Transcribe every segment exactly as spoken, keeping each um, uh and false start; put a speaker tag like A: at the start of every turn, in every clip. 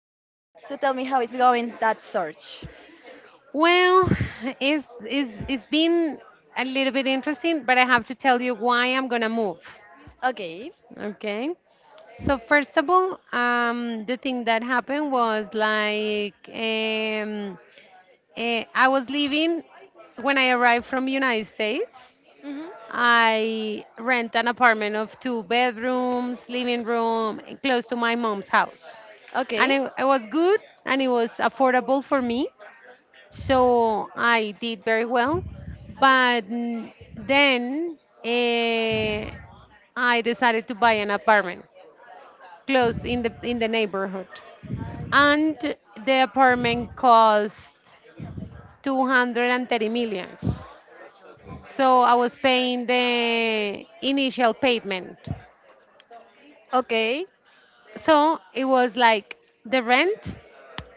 A: So tell me how it's going that search.
B: Well, it's, it's, it's been a little bit interesting, but I have to tell you why I'm going to move.
A: Okay.
B: Okay. So, first of all, um, the thing that happened was like um, eh, I was leaving when I arrived from United States.
A: Mhm.
B: I rent an apartment of two bedrooms, living room, and close to my mom's house. And
A: Okay.
B: it, it was good and it was affordable for me. So I did very well. But n- then eh, I decided to buy an apartment close in the in the neighborhood. And the apartment cost two hundred thirty millions. So I was paying the initial payment.
A: Okay.
B: So it was like the rent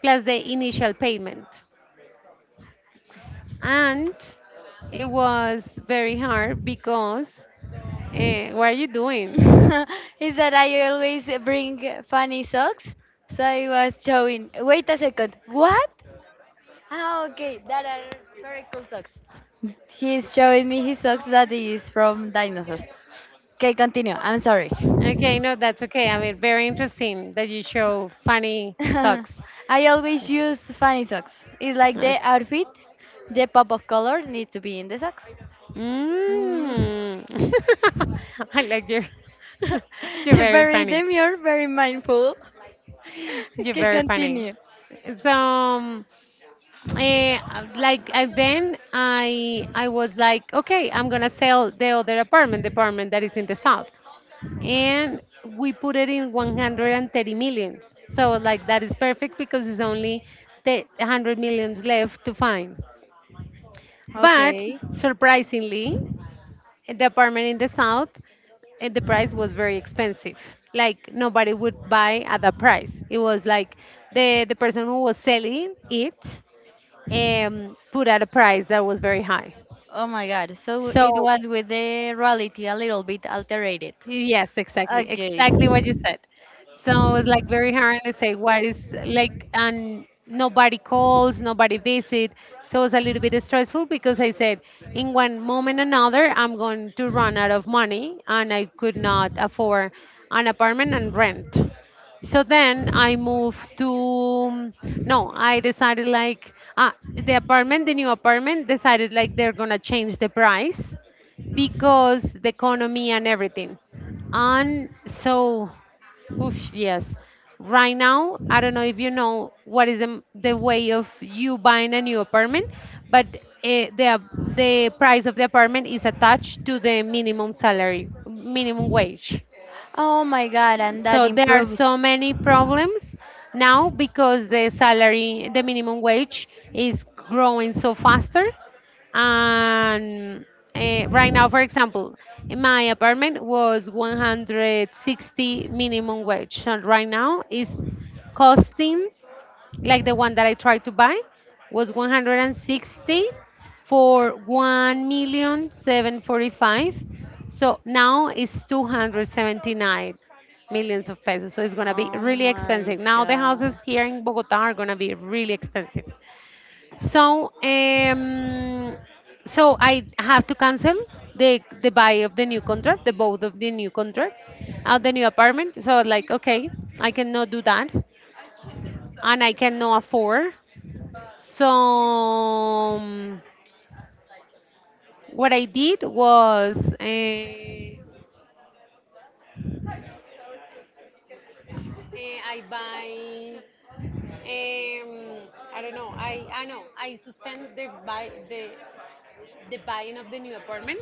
B: plus the initial payment. And it was very hard because uh, what are you doing?
A: Is that I always bring funny socks? So I was showing. Wait a second. What? Ah, okay, that are very cool socks. He's showing me his socks that is from dinosaurs. Okay, continue. I'm sorry.
B: Okay, no, that's okay. I mean, very interesting that you show funny socks.
A: I always use funny socks. It's like
B: Okay.
A: the outfit, the pop of color need to be in the socks. Mm.
B: Mm. I like your, you're very
A: Very
B: funny.
A: demure, very mindful.
B: You're
A: Okay,
B: very funny.
A: continue.
B: So, um, eh, like, and then I I was like, okay, I'm gonna sell the other apartment, the apartment that is in the south, and we put it in one hundred thirty millions. So like that is perfect because it's only the one hundred millions left to find. But
A: Okay.
B: surprisingly, the apartment in the south, and the price was very expensive. Like nobody would buy at that price. It was like the the person who was selling it um, put at a price that was very high.
A: Oh my god. So it
B: So
A: was with the reality a little bit alterated.
B: Yes, exactly.
A: Okay.
B: Exactly what you said. So it's like very hard to say what is like, and nobody calls, nobody visit. So it's a little bit stressful because I said, in one moment another, I'm going to run out of money and I could not afford an apartment and rent. So then I moved to, no, I decided like, ah, the apartment, the new apartment decided like they're gonna change the price because the economy and everything. And so, oof, yes, right now, I don't know if you know what is the, the way of you buying a new apartment, but uh, the, ap- the price of the apartment is attached to the minimum salary, minimum wage.
A: Oh my god, and that
B: So there are
A: improves.
B: so many problems now because the salary, the minimum wage is growing so faster. And uh, right now, for example, in my apartment was one hundred sixty minimum wage. So right now it's costing. Like the one that I tried to buy was one hundred sixty for one million seven forty five. So now it's two hundred seventy-nine millions of pesos. So it's going to be
A: Oh
B: really
A: my
B: expensive. Now the
A: god.
B: houses here in Bogota are going to be really expensive. So um, so I have to cancel the the buy of the new contract, the both of the new contract, uh, the new apartment. So like okay, I cannot do that, and I cannot afford. So um, what I did was uh, uh, I buy um, I don't know I I know I suspend the buy the the buying of the new apartment.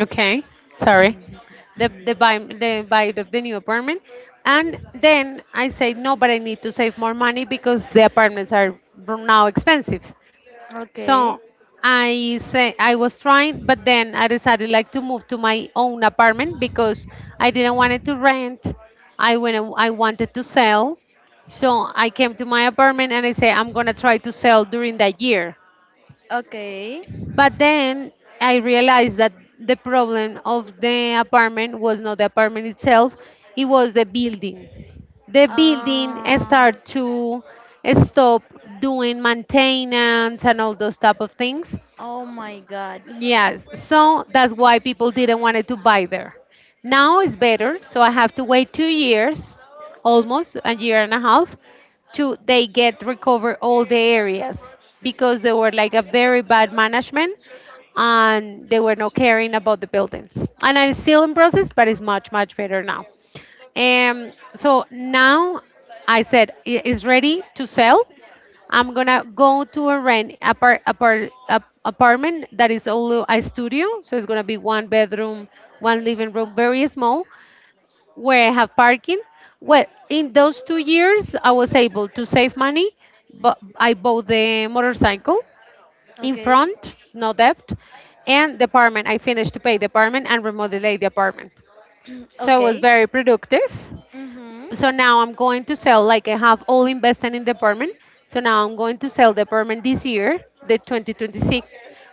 B: Okay, sorry.
A: Mhm.
B: The
A: Mhm.
B: the buy the buy of the new apartment, and then I said no, but I need to save more money because the apartments are now expensive. So
A: Okay,
B: I say I was trying, but then I decided like to move to my own apartment because I didn't want it to rent. I went, I wanted to sell. So I came to my apartment and I say I'm gonna try to sell during that year.
A: okay.
B: But then I realized that the problem of the apartment was not the apartment itself, it was the building the building
A: Um,
B: start to stop doing maintenance and all those type of things.
A: oh my God.
B: Yes, so that's why people didn't want to buy there. Now it's better, so I have to wait two years, almost a year and a half, to they get recover all the areas because they were like a very bad management and they were not caring about the buildings. And it's still in process, but it's much much better now. Um, so now I said, "I- It's ready to sell. I'm gonna go to a rent apart, apart, ap- apartment that is only a studio, so it's gonna be one bedroom, one living room, very small, where I have parking. Well, in those two years, I was able to save money, but I bought the motorcycle in
A: Okay,
B: front, no debt, and the apartment. I finished to pay the apartment and remodelate the apartment. So it was
A: okay.
B: very productive.
A: Mhm.
B: So now I'm going to sell, like I have all invested in the apartment. So now I'm going to sell the apartment this year, the twenty twenty-six,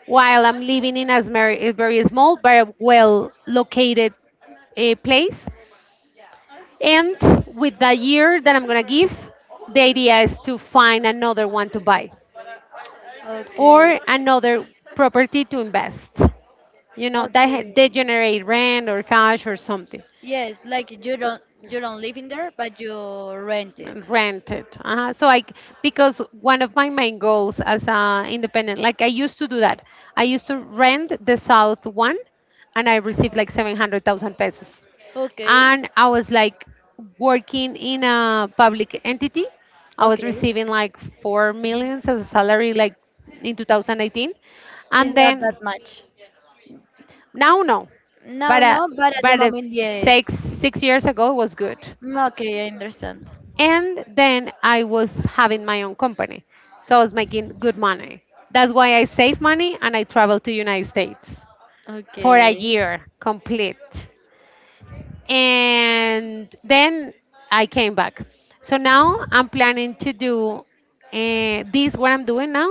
B: while I'm living in a smer- a very small but well located uh, place. And with the year that I'm going to give, the idea is to find another one to buy or
A: Okay,
B: another property to invest. You know, that, ha- they
A: okay.
B: generate rent or cash or something.
A: Yes, like you don't you don't live in there, but you rent it.
B: Rented, uh so i c- because one of my main goals as a independent, like I used to do that. I used to rent the south one, and I received like seven hundred thousand pesos,
A: Okay.
B: and I was like working in a public entity. I was
A: Okay,
B: receiving like four millions as a salary, like in two thousand eighteen. And
A: it's not
B: then
A: that much.
B: now, no, but
A: No,
B: uh,
A: no, but at the
B: but if
A: moment, yes.
B: six six years ago it was good.
A: Mm, okay, I understand.
B: And then I was having my own company. So I was making good money. That's why I saved money and I traveled to United States for a
A: Okay,
B: year complete. And then I came back. So now I'm planning to do uh, this what I'm doing now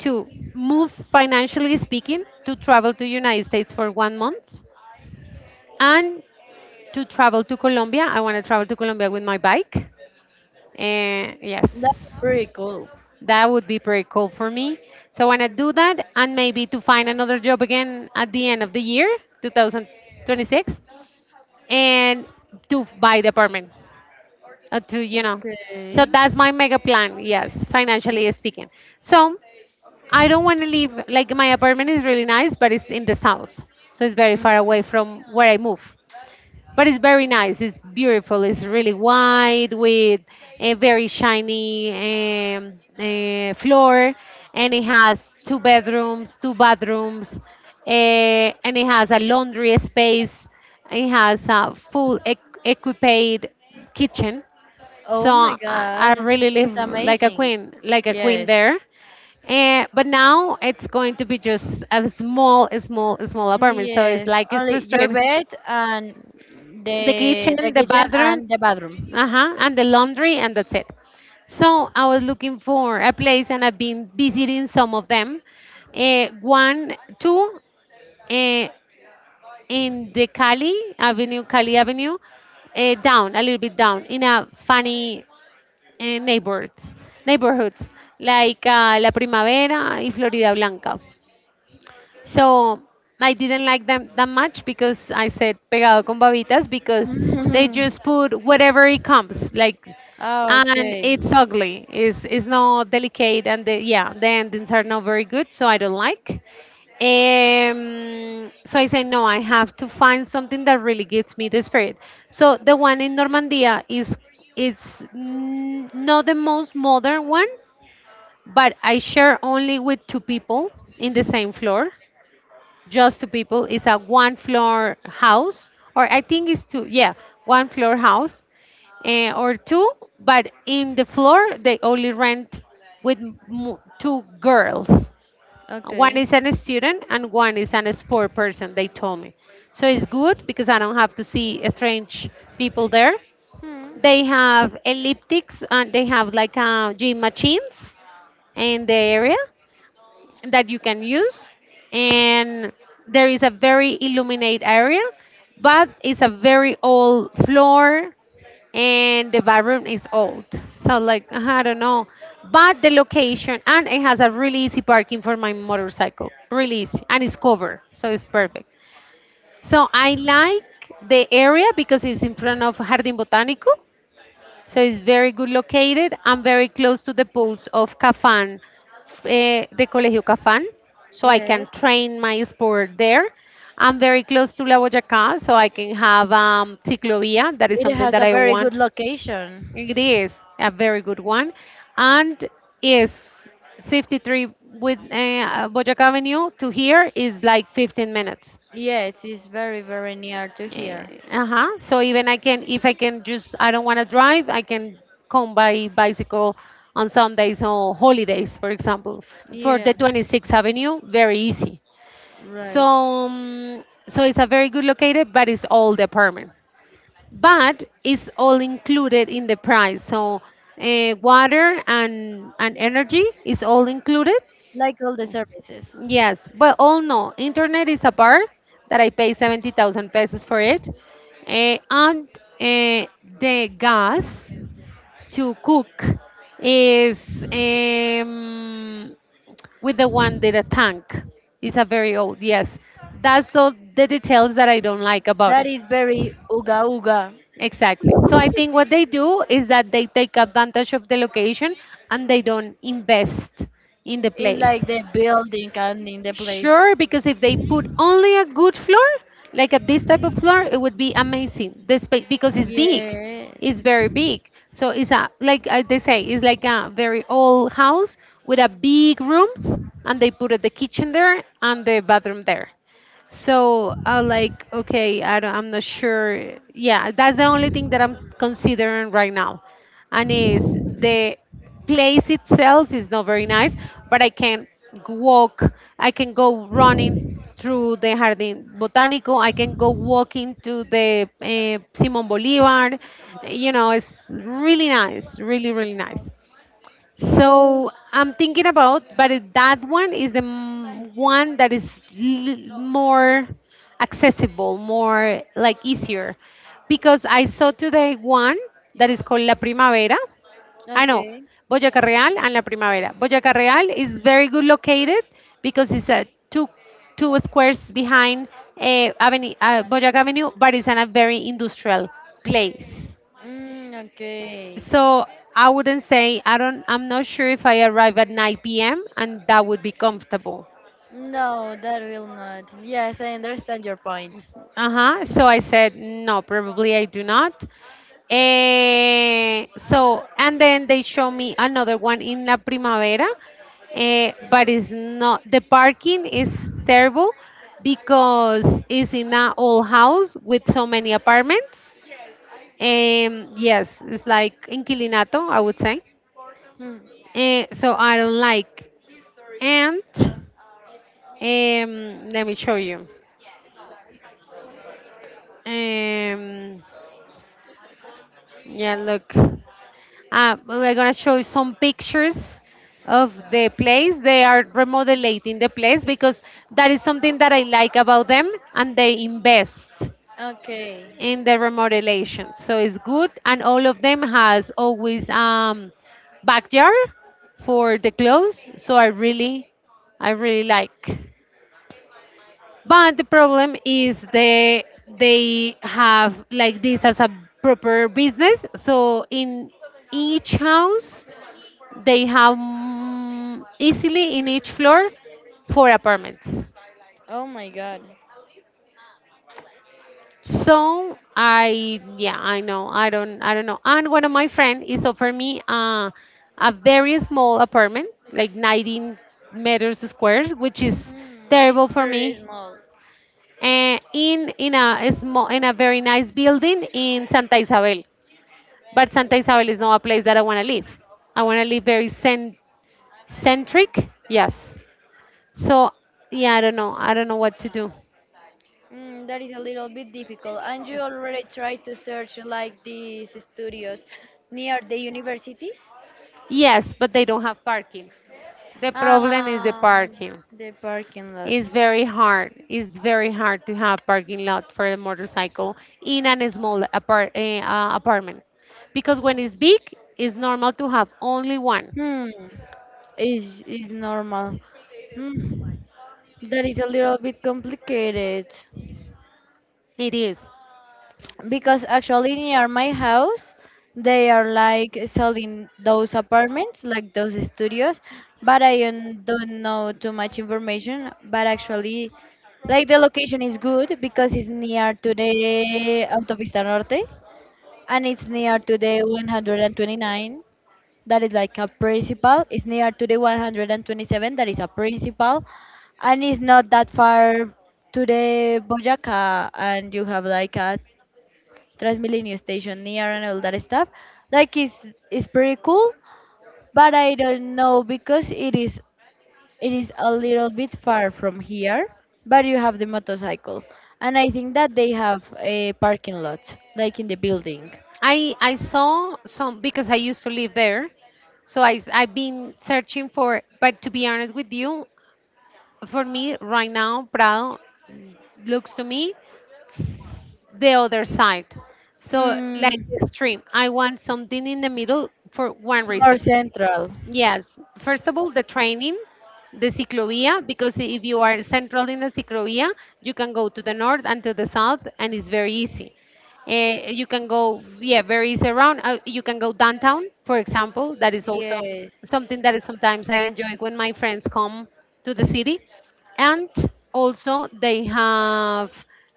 B: to move financially speaking to travel to United States for one month and to travel to Colombia. I want to travel to Colombia with my bike. And yes.
A: that's pretty cool.
B: That would be pretty cool for me. So when I do that, and maybe to find another job again at the end of the year, twenty twenty-six, and to f- buy the apartment, uh, to you know. So
A: Okay.
B: that's my mega plan. Yes, financially speaking. So I don't want to leave. Like my apartment is really nice, but it's in the south, so it's very far
A: Mm,
B: away from where I move, but it's very nice. It's beautiful. It's really wide with a very shiny um, uh, floor, and it has two bedrooms, two bathrooms, uh, and it has a laundry space. It has a full equ- equipped kitchen. So
A: oh my
B: I, I
A: God,
B: really
A: it's
B: live like a
A: amazing.
B: queen, like a queen
A: Yes,
B: there. Eh, but now it's going to be just a small, small, small apartment. So it's
A: yes.
B: like it's
A: Only your
B: frustrating.
A: bed and
B: The
A: the the
B: kitchen, the
A: kitchen
B: bathroom,
A: and the bathroom.
B: uh-huh, and the laundry, and that's it. So I was looking for a place, and I've been visiting some of them. Uh, one, two, uh, in the Cali Avenue, Cali Avenue, uh, down a little bit down in a funny uh, neighborhoods, neighborhoods like uh, La Primavera y Florida Blanca. So I didn't like them that much because I said pegado con babitas because they just put whatever it comes like
A: Ah,
B: and
A: okay.
B: it's ugly. It's it's not delicate and the, yeah, the endings are not very good, so I don't like. Um, so I say no, I have to find something that really gives me the spirit. So the one in Normandia is it's n- not the most modern one, but I share only with two people in the same floor, just two people. It's a one floor house, or I think it's two, yeah, one floor house eh, or two, but in the floor they only rent with m- two girls. One is
A: Okay.
B: an student and one is an sport person, they told me. So it's good because I don't have to see strange people there.
A: Hmm.
B: They have elliptics and they have like uh, gym machines in the area that you can use, and there is a very illuminate area, but it's a very old floor and the bathroom is old, so like uh-huh, I don't know. But the location, and it has a really easy parking for my motorcycle, really easy, and it's covered, so it's perfect. So I like the area because it's in front of Jardin Botanico, so it's very good located and very close to the pools of Cafán, uh, the Colegio Cafán. So I
A: Yes.
B: can train my sport there. I'm very close to La Boyacá, so I can have um, ciclovia. That is
A: It
B: something
A: has
B: that
A: a
B: I
A: very good
B: want.
A: location.
B: It is a very good one. And is fifty-three with uh, Boyacá Avenue to here is like fifteen minutes.
A: Yes, it's very, very near to here.
B: Eh, uh-huh. So even I can, if I can just, I don't want to drive, I can come by bicycle on Sundays or holidays, for example, for the
A: Yeah,
B: twenty-sixth Avenue, very easy. So,
A: right.
B: um, so it's a very good located, but it's all the apartment. But it's all included in the price. So, uh, water and and energy is all included.
A: Like all the services.
B: Yes, but oh no, internet is a bar that I pay seventy thousand pesos for it. Eh, and eh, the gas to cook is um, with the one that a tank. It's a very old, yes. That's all the details that I don't like about
A: That
B: it.
A: is very uga uga.
B: Exactly. So I think what they do is that they take advantage of the location and they don't invest in the
A: In
B: place.
A: like the building and in the place.
B: Sure, because if they put only a good floor, like a, this type of floor, it would be amazing. The space, because it's big,
A: Yes.
B: it's very big. So it's a like I, they say, it's like a very old house with a big rooms, and they put the kitchen there and the bathroom there. So I like, okay, I don't, I'm not sure. Yeah, that's the only thing that I'm considering right now, and is the place itself is not very nice, but I can walk, I can go running through the Jardín Botánico, I can go walking to the uh, Simón Bolívar. You know, it's really nice, really really nice.
A: So,
B: So I'm thinking about, but it- that one is the m- one that is l- more accessible, more like easier, because I saw today one that is called La Primavera. I know
A: okay.
B: Boyacá Real and La Primavera. Boyacá Real is very good located because it's a two two squares behind uh, Avenue, uh, Boyacá Avenue, but it's in a very industrial place.
A: Mm, okay.
B: So I wouldn't say I don't. I'm not sure if I arrive at nine p m and that would be comfortable.
A: No, that will not. Yes, I understand your point.
B: Uh huh. So I said no. Probably I do not. Eh, so and then they show me another one in La Primavera, eh, but it's not. The parking is terrible because it's in an old house with so many apartments. Um, yes, it's like inquilinato, I would say.
A: Hmm.
B: Eh, so I don't like. And um, Let me show you. Um, yeah, look. Uh, we're gonna show you some pictures of the place. They are remodeling the place because that is something that I like about them, and they invest
A: Okay.
B: in the remodelation. So it's good, and all of them has always um, backyard for the clothes. So I really, I really like. But the problem is they they have like this as a proper business. So in each house they have mm, easily in each floor four apartments.
A: Oh my god.
B: So I yeah I know I don't I don't know. And one of my friend is offer me a a very small apartment like nineteen meters squares, which is
A: Hmm, it's
B: terrible for
A: very
B: me
A: small.
B: uh, in in a small in a very nice building in Santa Isabel. But Santa Isabel is not a place that I want to live. I want to live very cen- centric. Yes. So yeah, I don't know. I don't know what to do.
A: Mm, that is a little bit difficult. And you already tried to search like these studios near the universities?
B: Yes, but they don't have parking. The problem is the
A: Um,
B: parking.
A: the parking lot.
B: It's very hard. It's very hard to have parking lot for a motorcycle in a small apart, uh, uh, apartment, because when it's big, it's normal to have only one.
A: Hmm, is is normal. Hmm, that is a little bit complicated.
B: It is.
A: Because actually near my house they are like selling those apartments like those studios but I um, don't know too much information, but actually like the location is good because it's near to the autopista norte and it's near to the one twenty-nine that is like a principal. It's near to the one twenty-seven that is a principal, and it's not that far to the boyaca, and you have like a Transmilenio station near and all that stuff. Like it's it's pretty cool, but I don't know because it is it is a little bit far from here. But you have the motorcycle, and I think that they have a parking lot like in the building.
B: I I saw some because I used to live there, so I s- I've been searching for. But to be honest with you, for me right now, Prado looks to me the other side. So
A: Hmm,
B: like the stream, I want something in the middle for one
A: more
B: reason.
A: central.
B: Yes, first of all, the training, the ciclovia, because if you are central in the ciclovia, you can go to the north and to the south, and it's very easy. Uh, you can go, yeah, very easy around. Uh, you can go downtown, for example. That is also
A: Yes.
B: something that is sometimes I enjoy when my friends come to the city. And also, they have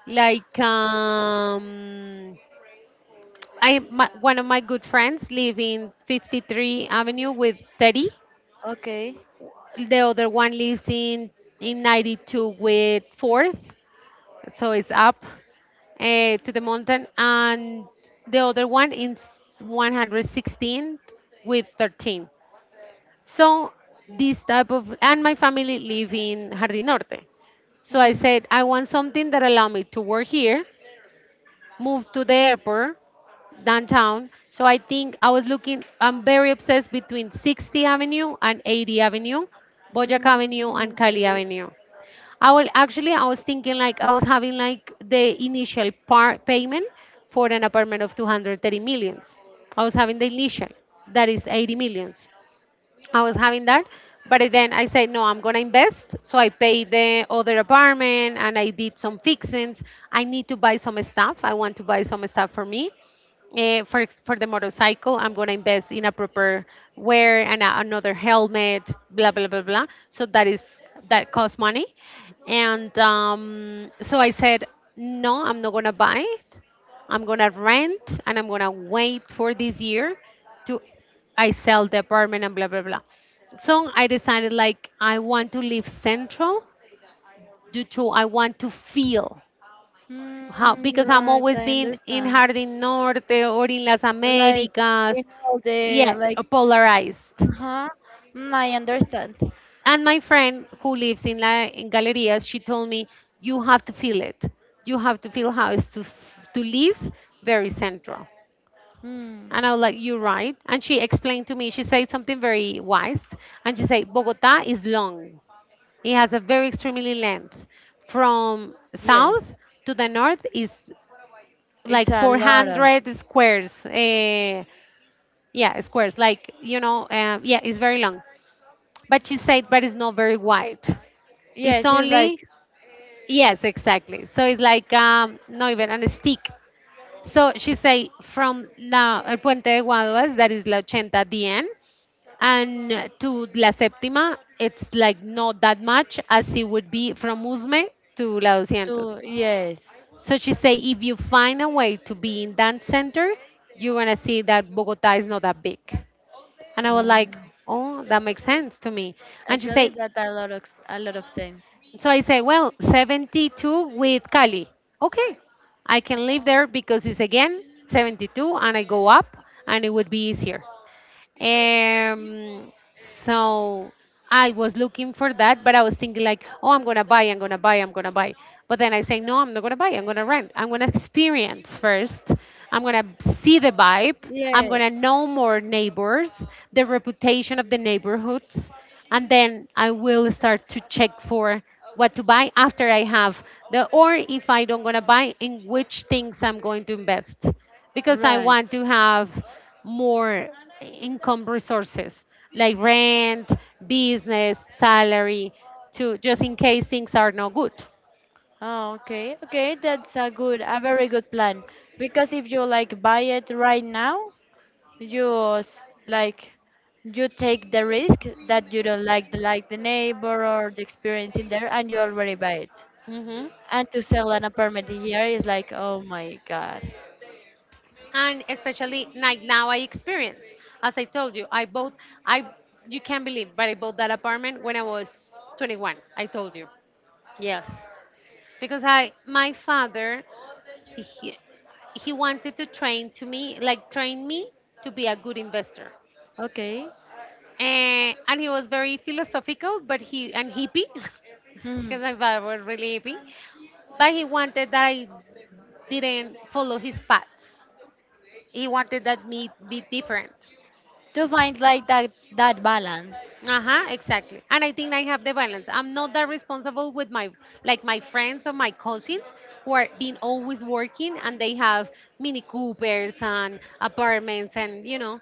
B: like um, I my, one of my good friends live in fifty-three Avenue with thirty,
A: Okay.
B: the other one lives in in ninety-two with fourth, so it's up uh, to the mountain, and the other one in one hundred sixteen with thirteen. So this type of and my family live in Jardín Norte. So I
A: Mm.
B: said I want something that allow me to work here, moved to the airport downtown. So I think I was looking, I'm very obsessed between sixty Avenue and eighty Avenue, Boyac
A: Mm,
B: Avenue and Cali
A: okay.
B: Avenue. I will actually, I was thinking like I was having like the initial par payment for an apartment of two hundred thirty millions. I was having the initial, that is eighty millions. I was having that. But then I said, no, I'm going to invest. So I paid the other apartment and I did some fixings. I need to buy some stuff. I want to buy some stuff for me. Eh, for ex- for the motorcycle, I'm gonna invest in a proper wear and a, another helmet, blah blah blah blah. So that is that costs money, and um, so I said no, I'm not gonna buy it. I'm gonna rent and I'm gonna wait for this year to I sell the apartment and blah blah blah. So I decided like I want to leave central due to I want to feel. How, because
A: Mm,
B: I'm
A: right,
B: always
A: I
B: been in
A: understand.
B: Jardín Norte or in Las
A: Like
B: Americas.
A: in all the
B: Yeah,
A: like,
B: uh, polarized.
A: huh? Mm, I understand.
B: And my friend who lives in La in Galerías, she told me you have to feel it. You have to feel how it's to f- to live very central.
A: Mm,
B: And I was like, you're right. And she explained to me. She said something very wise. And she said Bogota is long. It has a very extremely length. From south
A: yes.
B: to the north is
A: It's
B: like
A: a lot of.
B: four hundred squares. Uh, yeah, squares. Like, you know, um, yeah, it's very long. But she said, but it's not very wide. It's
A: Yes, it's like
B: only, yes, exactly. So it's like, um, not even a stick. So she say from la, El Puente de Guaduas, that is La Ochenta at the end, and to La Séptima, it's like not that much as it would be from Usme to La two hundred.
A: two. Yes.
B: So she say, if you find a way to be in that center, you're gonna see that Bogota is not that big. And I was
A: Oh,
B: like, oh, that makes sense to me. And she
A: actually,
B: say,
A: that a lot of a lot of sense.
B: so I say, well, seventy-two with Cali. Okay, I can live there because it's again seventy-two, and I go up, and it would be easier. Um, so I was looking for that, but I was thinking like, oh, I'm gonna buy, I'm gonna buy, I'm gonna buy. But then I say, no, I'm not gonna buy. I'm gonna rent. I'm gonna experience first. I'm gonna see the vibe. I'm
A: Yeah.
B: gonna know more neighbors, the reputation of the neighborhoods, and then I will start to check for what to buy after I have the, or if I don't gonna buy, in which things I'm going to invest because I
A: Right.
B: want to have more income resources like rent, business, salary, to just in case things are not good.
A: Oh, okay. Okay, that's a good, a very good plan. Because if you like buy it right now, you s- like you take the risk that you don't like the like the neighbor or the experience in there, and you already buy it.
B: Hmm.
A: And to sell an apartment here is like, oh my God.
B: And especially like now I experience, as I told you, I bought I you can't believe, but I bought that apartment when I was twenty-one. I told you, yes, because I my father he, he wanted to train to me like train me to be a good investor.
A: Okay.
B: Eh, and he was very philosophical, but he and hippie,
A: Hmm.
B: because my father was really hippie. But he wanted that I didn't follow his paths. He wanted that me be different.
A: To find like that that balance.
B: Uh huh. Exactly. And I think I have the balance. I'm not that responsible with my like my friends or my cousins who are being always working and they have Mini Coopers and apartments and you know.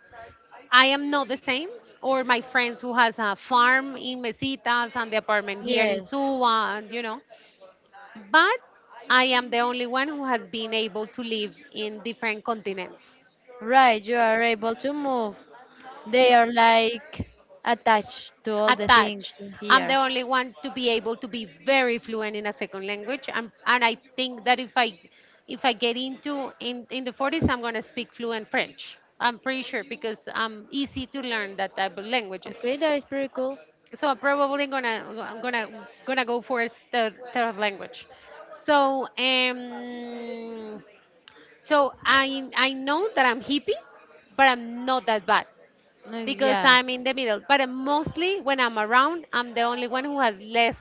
B: I am not the same. Or my friends who has a farm in Mesitas and the apartment here in
A: Yes,
B: Suwa, and you know. But I am the only one who has been able to live in different continents
A: right. You are able to move. They are like attached to all the
B: attached.
A: things in
B: I'm the
A: here.
B: only one to be able to be very fluent in a second language. And, and I think that if I if I get into in, in the forties, I'm going to speak fluent French. I'm pretty sure because I'm easy to learn that type of languages.
A: Okay, that is pretty cool.
B: So I'm probably gonna I'm gonna gonna go for a third, third language. So um, so I I know that I'm hippie, but I'm not that bad
A: Uh,
B: because
A: yeah.
B: I'm in the middle. But I mostly when I'm around, I'm the only one who has less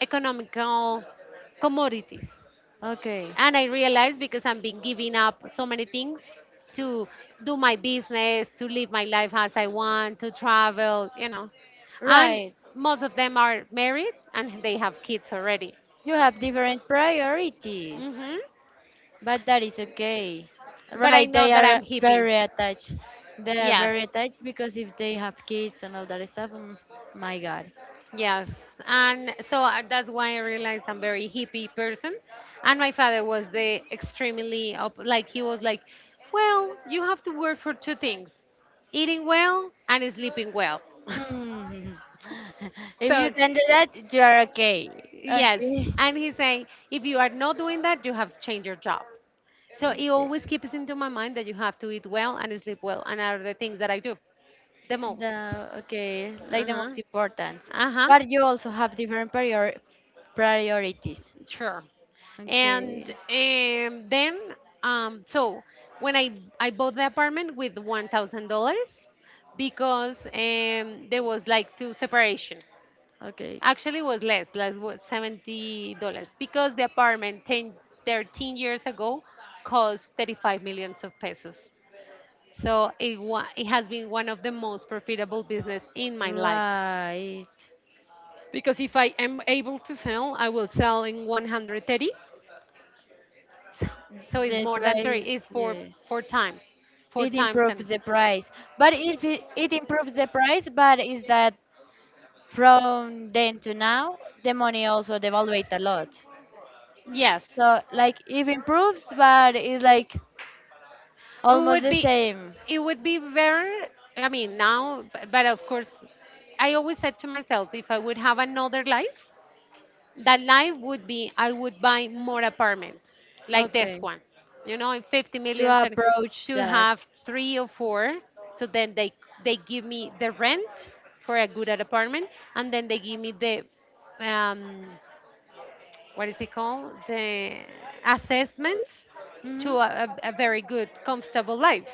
B: economical commodities
A: Okay.
B: and I realized because I've been giving up so many things to do my business to live my life as I want to travel, you know, and
A: Right.
B: most of them are married and they have kids already.
A: You have different priorities.
B: Hmm.
A: But that is okay.
B: But I
A: Right,
B: know
A: they
B: that
A: are
B: I'm hippie.
A: very attached. They are
B: Yes.
A: very attached because if they have kids and all that stuff, mm, my God.
B: Yes. And so uh, that's why I realized I'm very hippie person and my father was the extremely op- like he was like, well, you have to work for two things, eating well and sleeping well.
A: Hmm. If
B: So,
A: you can do that, you are okay.
B: yes.
A: Okay.
B: And he's saying, if you are not doing that, you have to change your job. So it
A: Okay.
B: always keeps into my mind that you have to eat well and sleep well, and are the things that I do the most.
A: The okay, like
B: Uh
A: the
B: huh.
A: most important.
B: Uh huh.
A: But you also have different prior priorities.
B: Sure. And
A: Okay.
B: um, then, um, so when I I bought the apartment with one thousand dollars because um, there was like two separation.
A: Okay.
B: Actually, was less, less was seventy dollars because the apartment ten, thirteen years ago cost thirty five millions of pesos. So it wa- it has been one of the most profitable business in my life,
A: Right.
B: because if I am able to sell, I will sell in one hundred thirty. So, so it's
A: The
B: more than three.
A: price,
B: It's four
A: yes.
B: four times, four
A: It
B: times
A: improves
B: and
A: the price. But if it, it improves the price, but is that from then to now, the money also devaluate a lot.
B: yes.
A: So like it improves, but it's like
B: It
A: almost
B: would
A: the
B: be
A: same.
B: it would be very. I mean, now, b- but of course I always said to myself, if I would have another life, that life would be I would buy more apartments like
A: Okay.
B: this one you know in fifty
A: To
B: million, and
A: approach
B: to
A: that.
B: have three or four, so then they they give me the rent for a good apartment, and then they give me the, um, what is it called, the assessments, to
A: Hmm.
B: a, a a very good, comfortable life.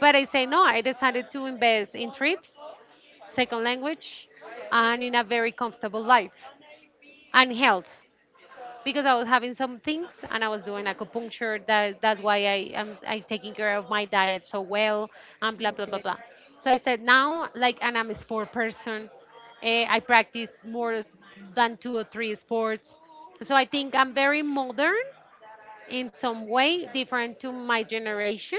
B: But I say no, I decided to invest in trips, second language, and in a very comfortable life, and health, because I was having some things and I was doing acupuncture. That that's why I am I'm taking care of my diet so well, and blah blah blah
A: Okay.
B: blah. So I said now, like, and I'm a sport person. Eh, I practice more than two or three sports. So I think I'm very modern in some way, different to my generation.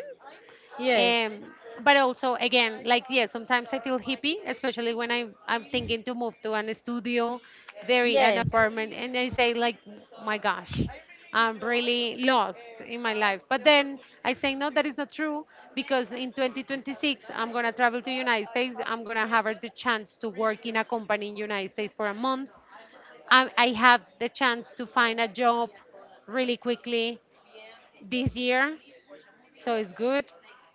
A: Yes. Yes.
B: um, but also, again, like, yeah, sometimes I feel hippie, especially when I'm I'm thinking to move to an studio, very an
A: Yes.
B: apartment, and I say like, my gosh, I'm really lost in my life. But then I say no, that is not true, because in twenty twenty-six I'm gonna travel to United States. I'm gonna have the chance to work in a company in United States for a month. I, I have the chance to find a job really quickly this year, so it's good.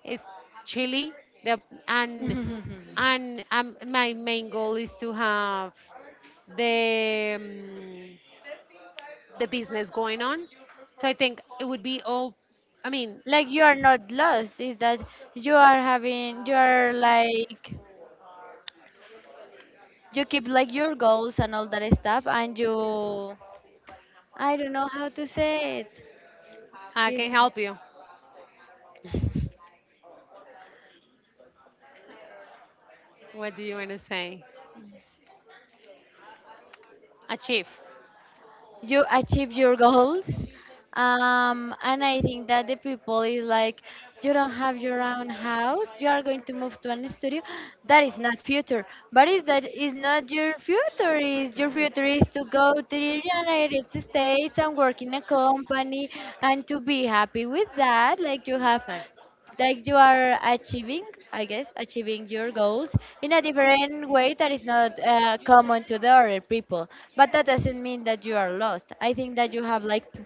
B: It's chilly. The, and and um, my main goal is to have the um, the business going on. So I think it would be all. I mean,
A: Like you are not lost, is that you are having, you are like you keep like your goals and all that stuff, and you, I don't know how to say it.
B: I can
A: Keep,
B: help you. What do you want to say? Achieve.
A: you achieve your goals, um, and I think that the people is like you don't have your own house, you are going to move to an studio, that is not future. But is that, is not your future, is your future is to go to the United States and work in a company and to be happy with that. Like you have, like you are achieving, I guess, achieving your goals in a different way that is not uh, common to the other people. But that doesn't mean that you are lost. I think that you have like p-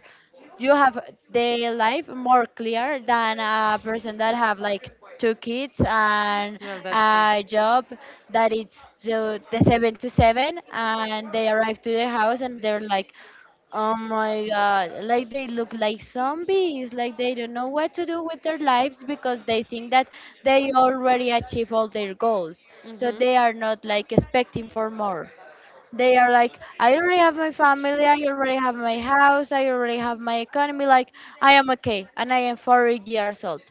A: you have the life more clear than a person that have like two kids and
B: Well.
A: a job that it's the, the seven to seven, and they arrive to their house and they're like, oh my god, like they look like zombies, like they don't know what to do with their lives because they think that they already achieve all their goals. So
B: Mhm.
A: they are not like expecting for more. They are like, I already have my family, I already have my house, I already have my economy, like I am okay and I am forty years old.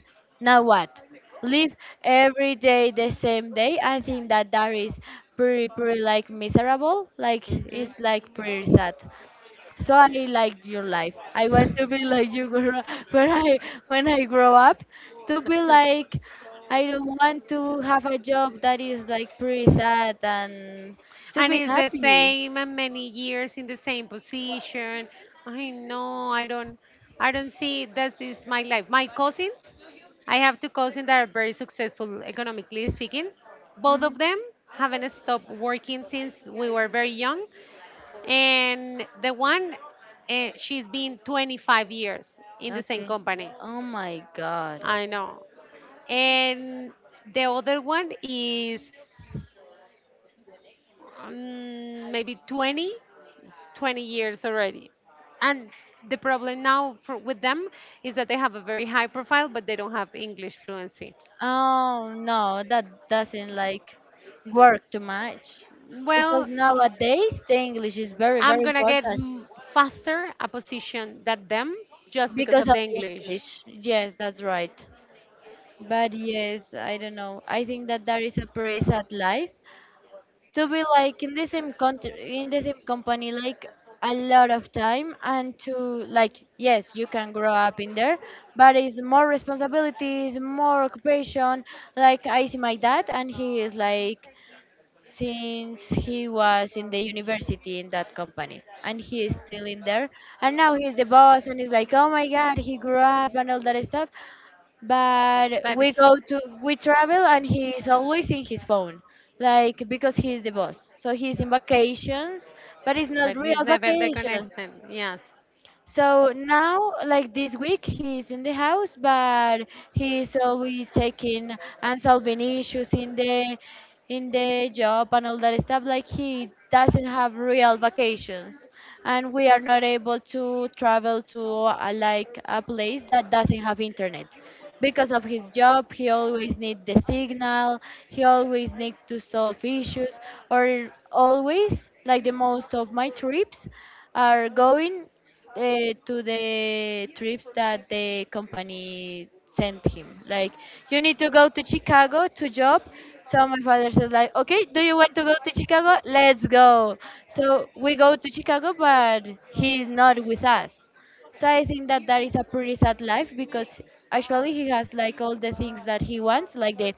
A: Now what? Live every day the same day. I think that that is pretty, pretty like miserable. Like it's
B: More.
A: like pretty sad. So I liked your life. I want to be like you when I when I when I grow up, to be like I don't want to have a job that is like pretty sad, and to
B: And
A: be
B: it's the
A: happy.
B: same, and many years in the same position. I know. I don't I don't see this is my life. My cousins, I have two cousins that are very successful, economically speaking. Both
A: Mm,
B: of them haven't stopped working since we were very young. And the one, uh, she's been twenty-five years in the same
A: okay.
B: company.
A: Oh my God.
B: I know. And the other one is, um, maybe 20 20 years already. And the problem now, for, with them, is that they have a very high profile, but they don't have English fluency.
A: Oh no, that doesn't like work too much
B: Well,
A: because nowadays the English is very
B: I'm
A: very
B: going to get
A: important.
B: mm, faster a position than them, just because
A: Because
B: of
A: of
B: the
A: the
B: English.
A: English. Yes, that's right. But yes, I don't know. I think that that is a pretty sad life, to be like in the same country, in the same company, like a lot of time, and to, like, yes, you can grow up in there, but it's more responsibilities, more occupation. Like I see my dad, and he is like since he was in the university in that company, and he is still in there, and now he's the boss, and he's like oh my god, he grew up and all that stuff. But
B: But
A: we go to, we travel, and he's always in his phone, like because he's the boss, so he's in vacations, but it's not
B: but he's
A: real
B: never the
A: vacations.
B: connection. Yes,
A: So now, like this week, he's in the house, but he's always taking and solving issues in the, in the job and all that stuff. Like he doesn't have real vacations, and we are not able to travel to uh, like a place that doesn't have internet. Because of his job, he always need the signal. He always need to solve issues, or always like the most of my trips are going uh, to the trips that the company sent him. Like, you need to go to Chicago to job. So my father says like, okay, do you want to go to Chicago? Let's go. So we go to Chicago, but he is not with us. So I think that that is a pretty sad life because actually he has like all the things that he wants, like the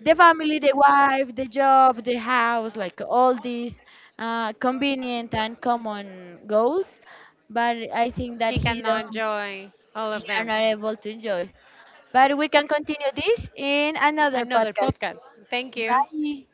A: the family, the wife, the job, the house, like all these uh, convenient and common goals. But I think
B: he
A: that he
B: cannot
A: don't,
B: enjoy all of
A: he are
B: them.
A: not able to enjoy. But we can continue this in another
B: Another
A: podcast.
B: podcast. Thank you.
A: Bye.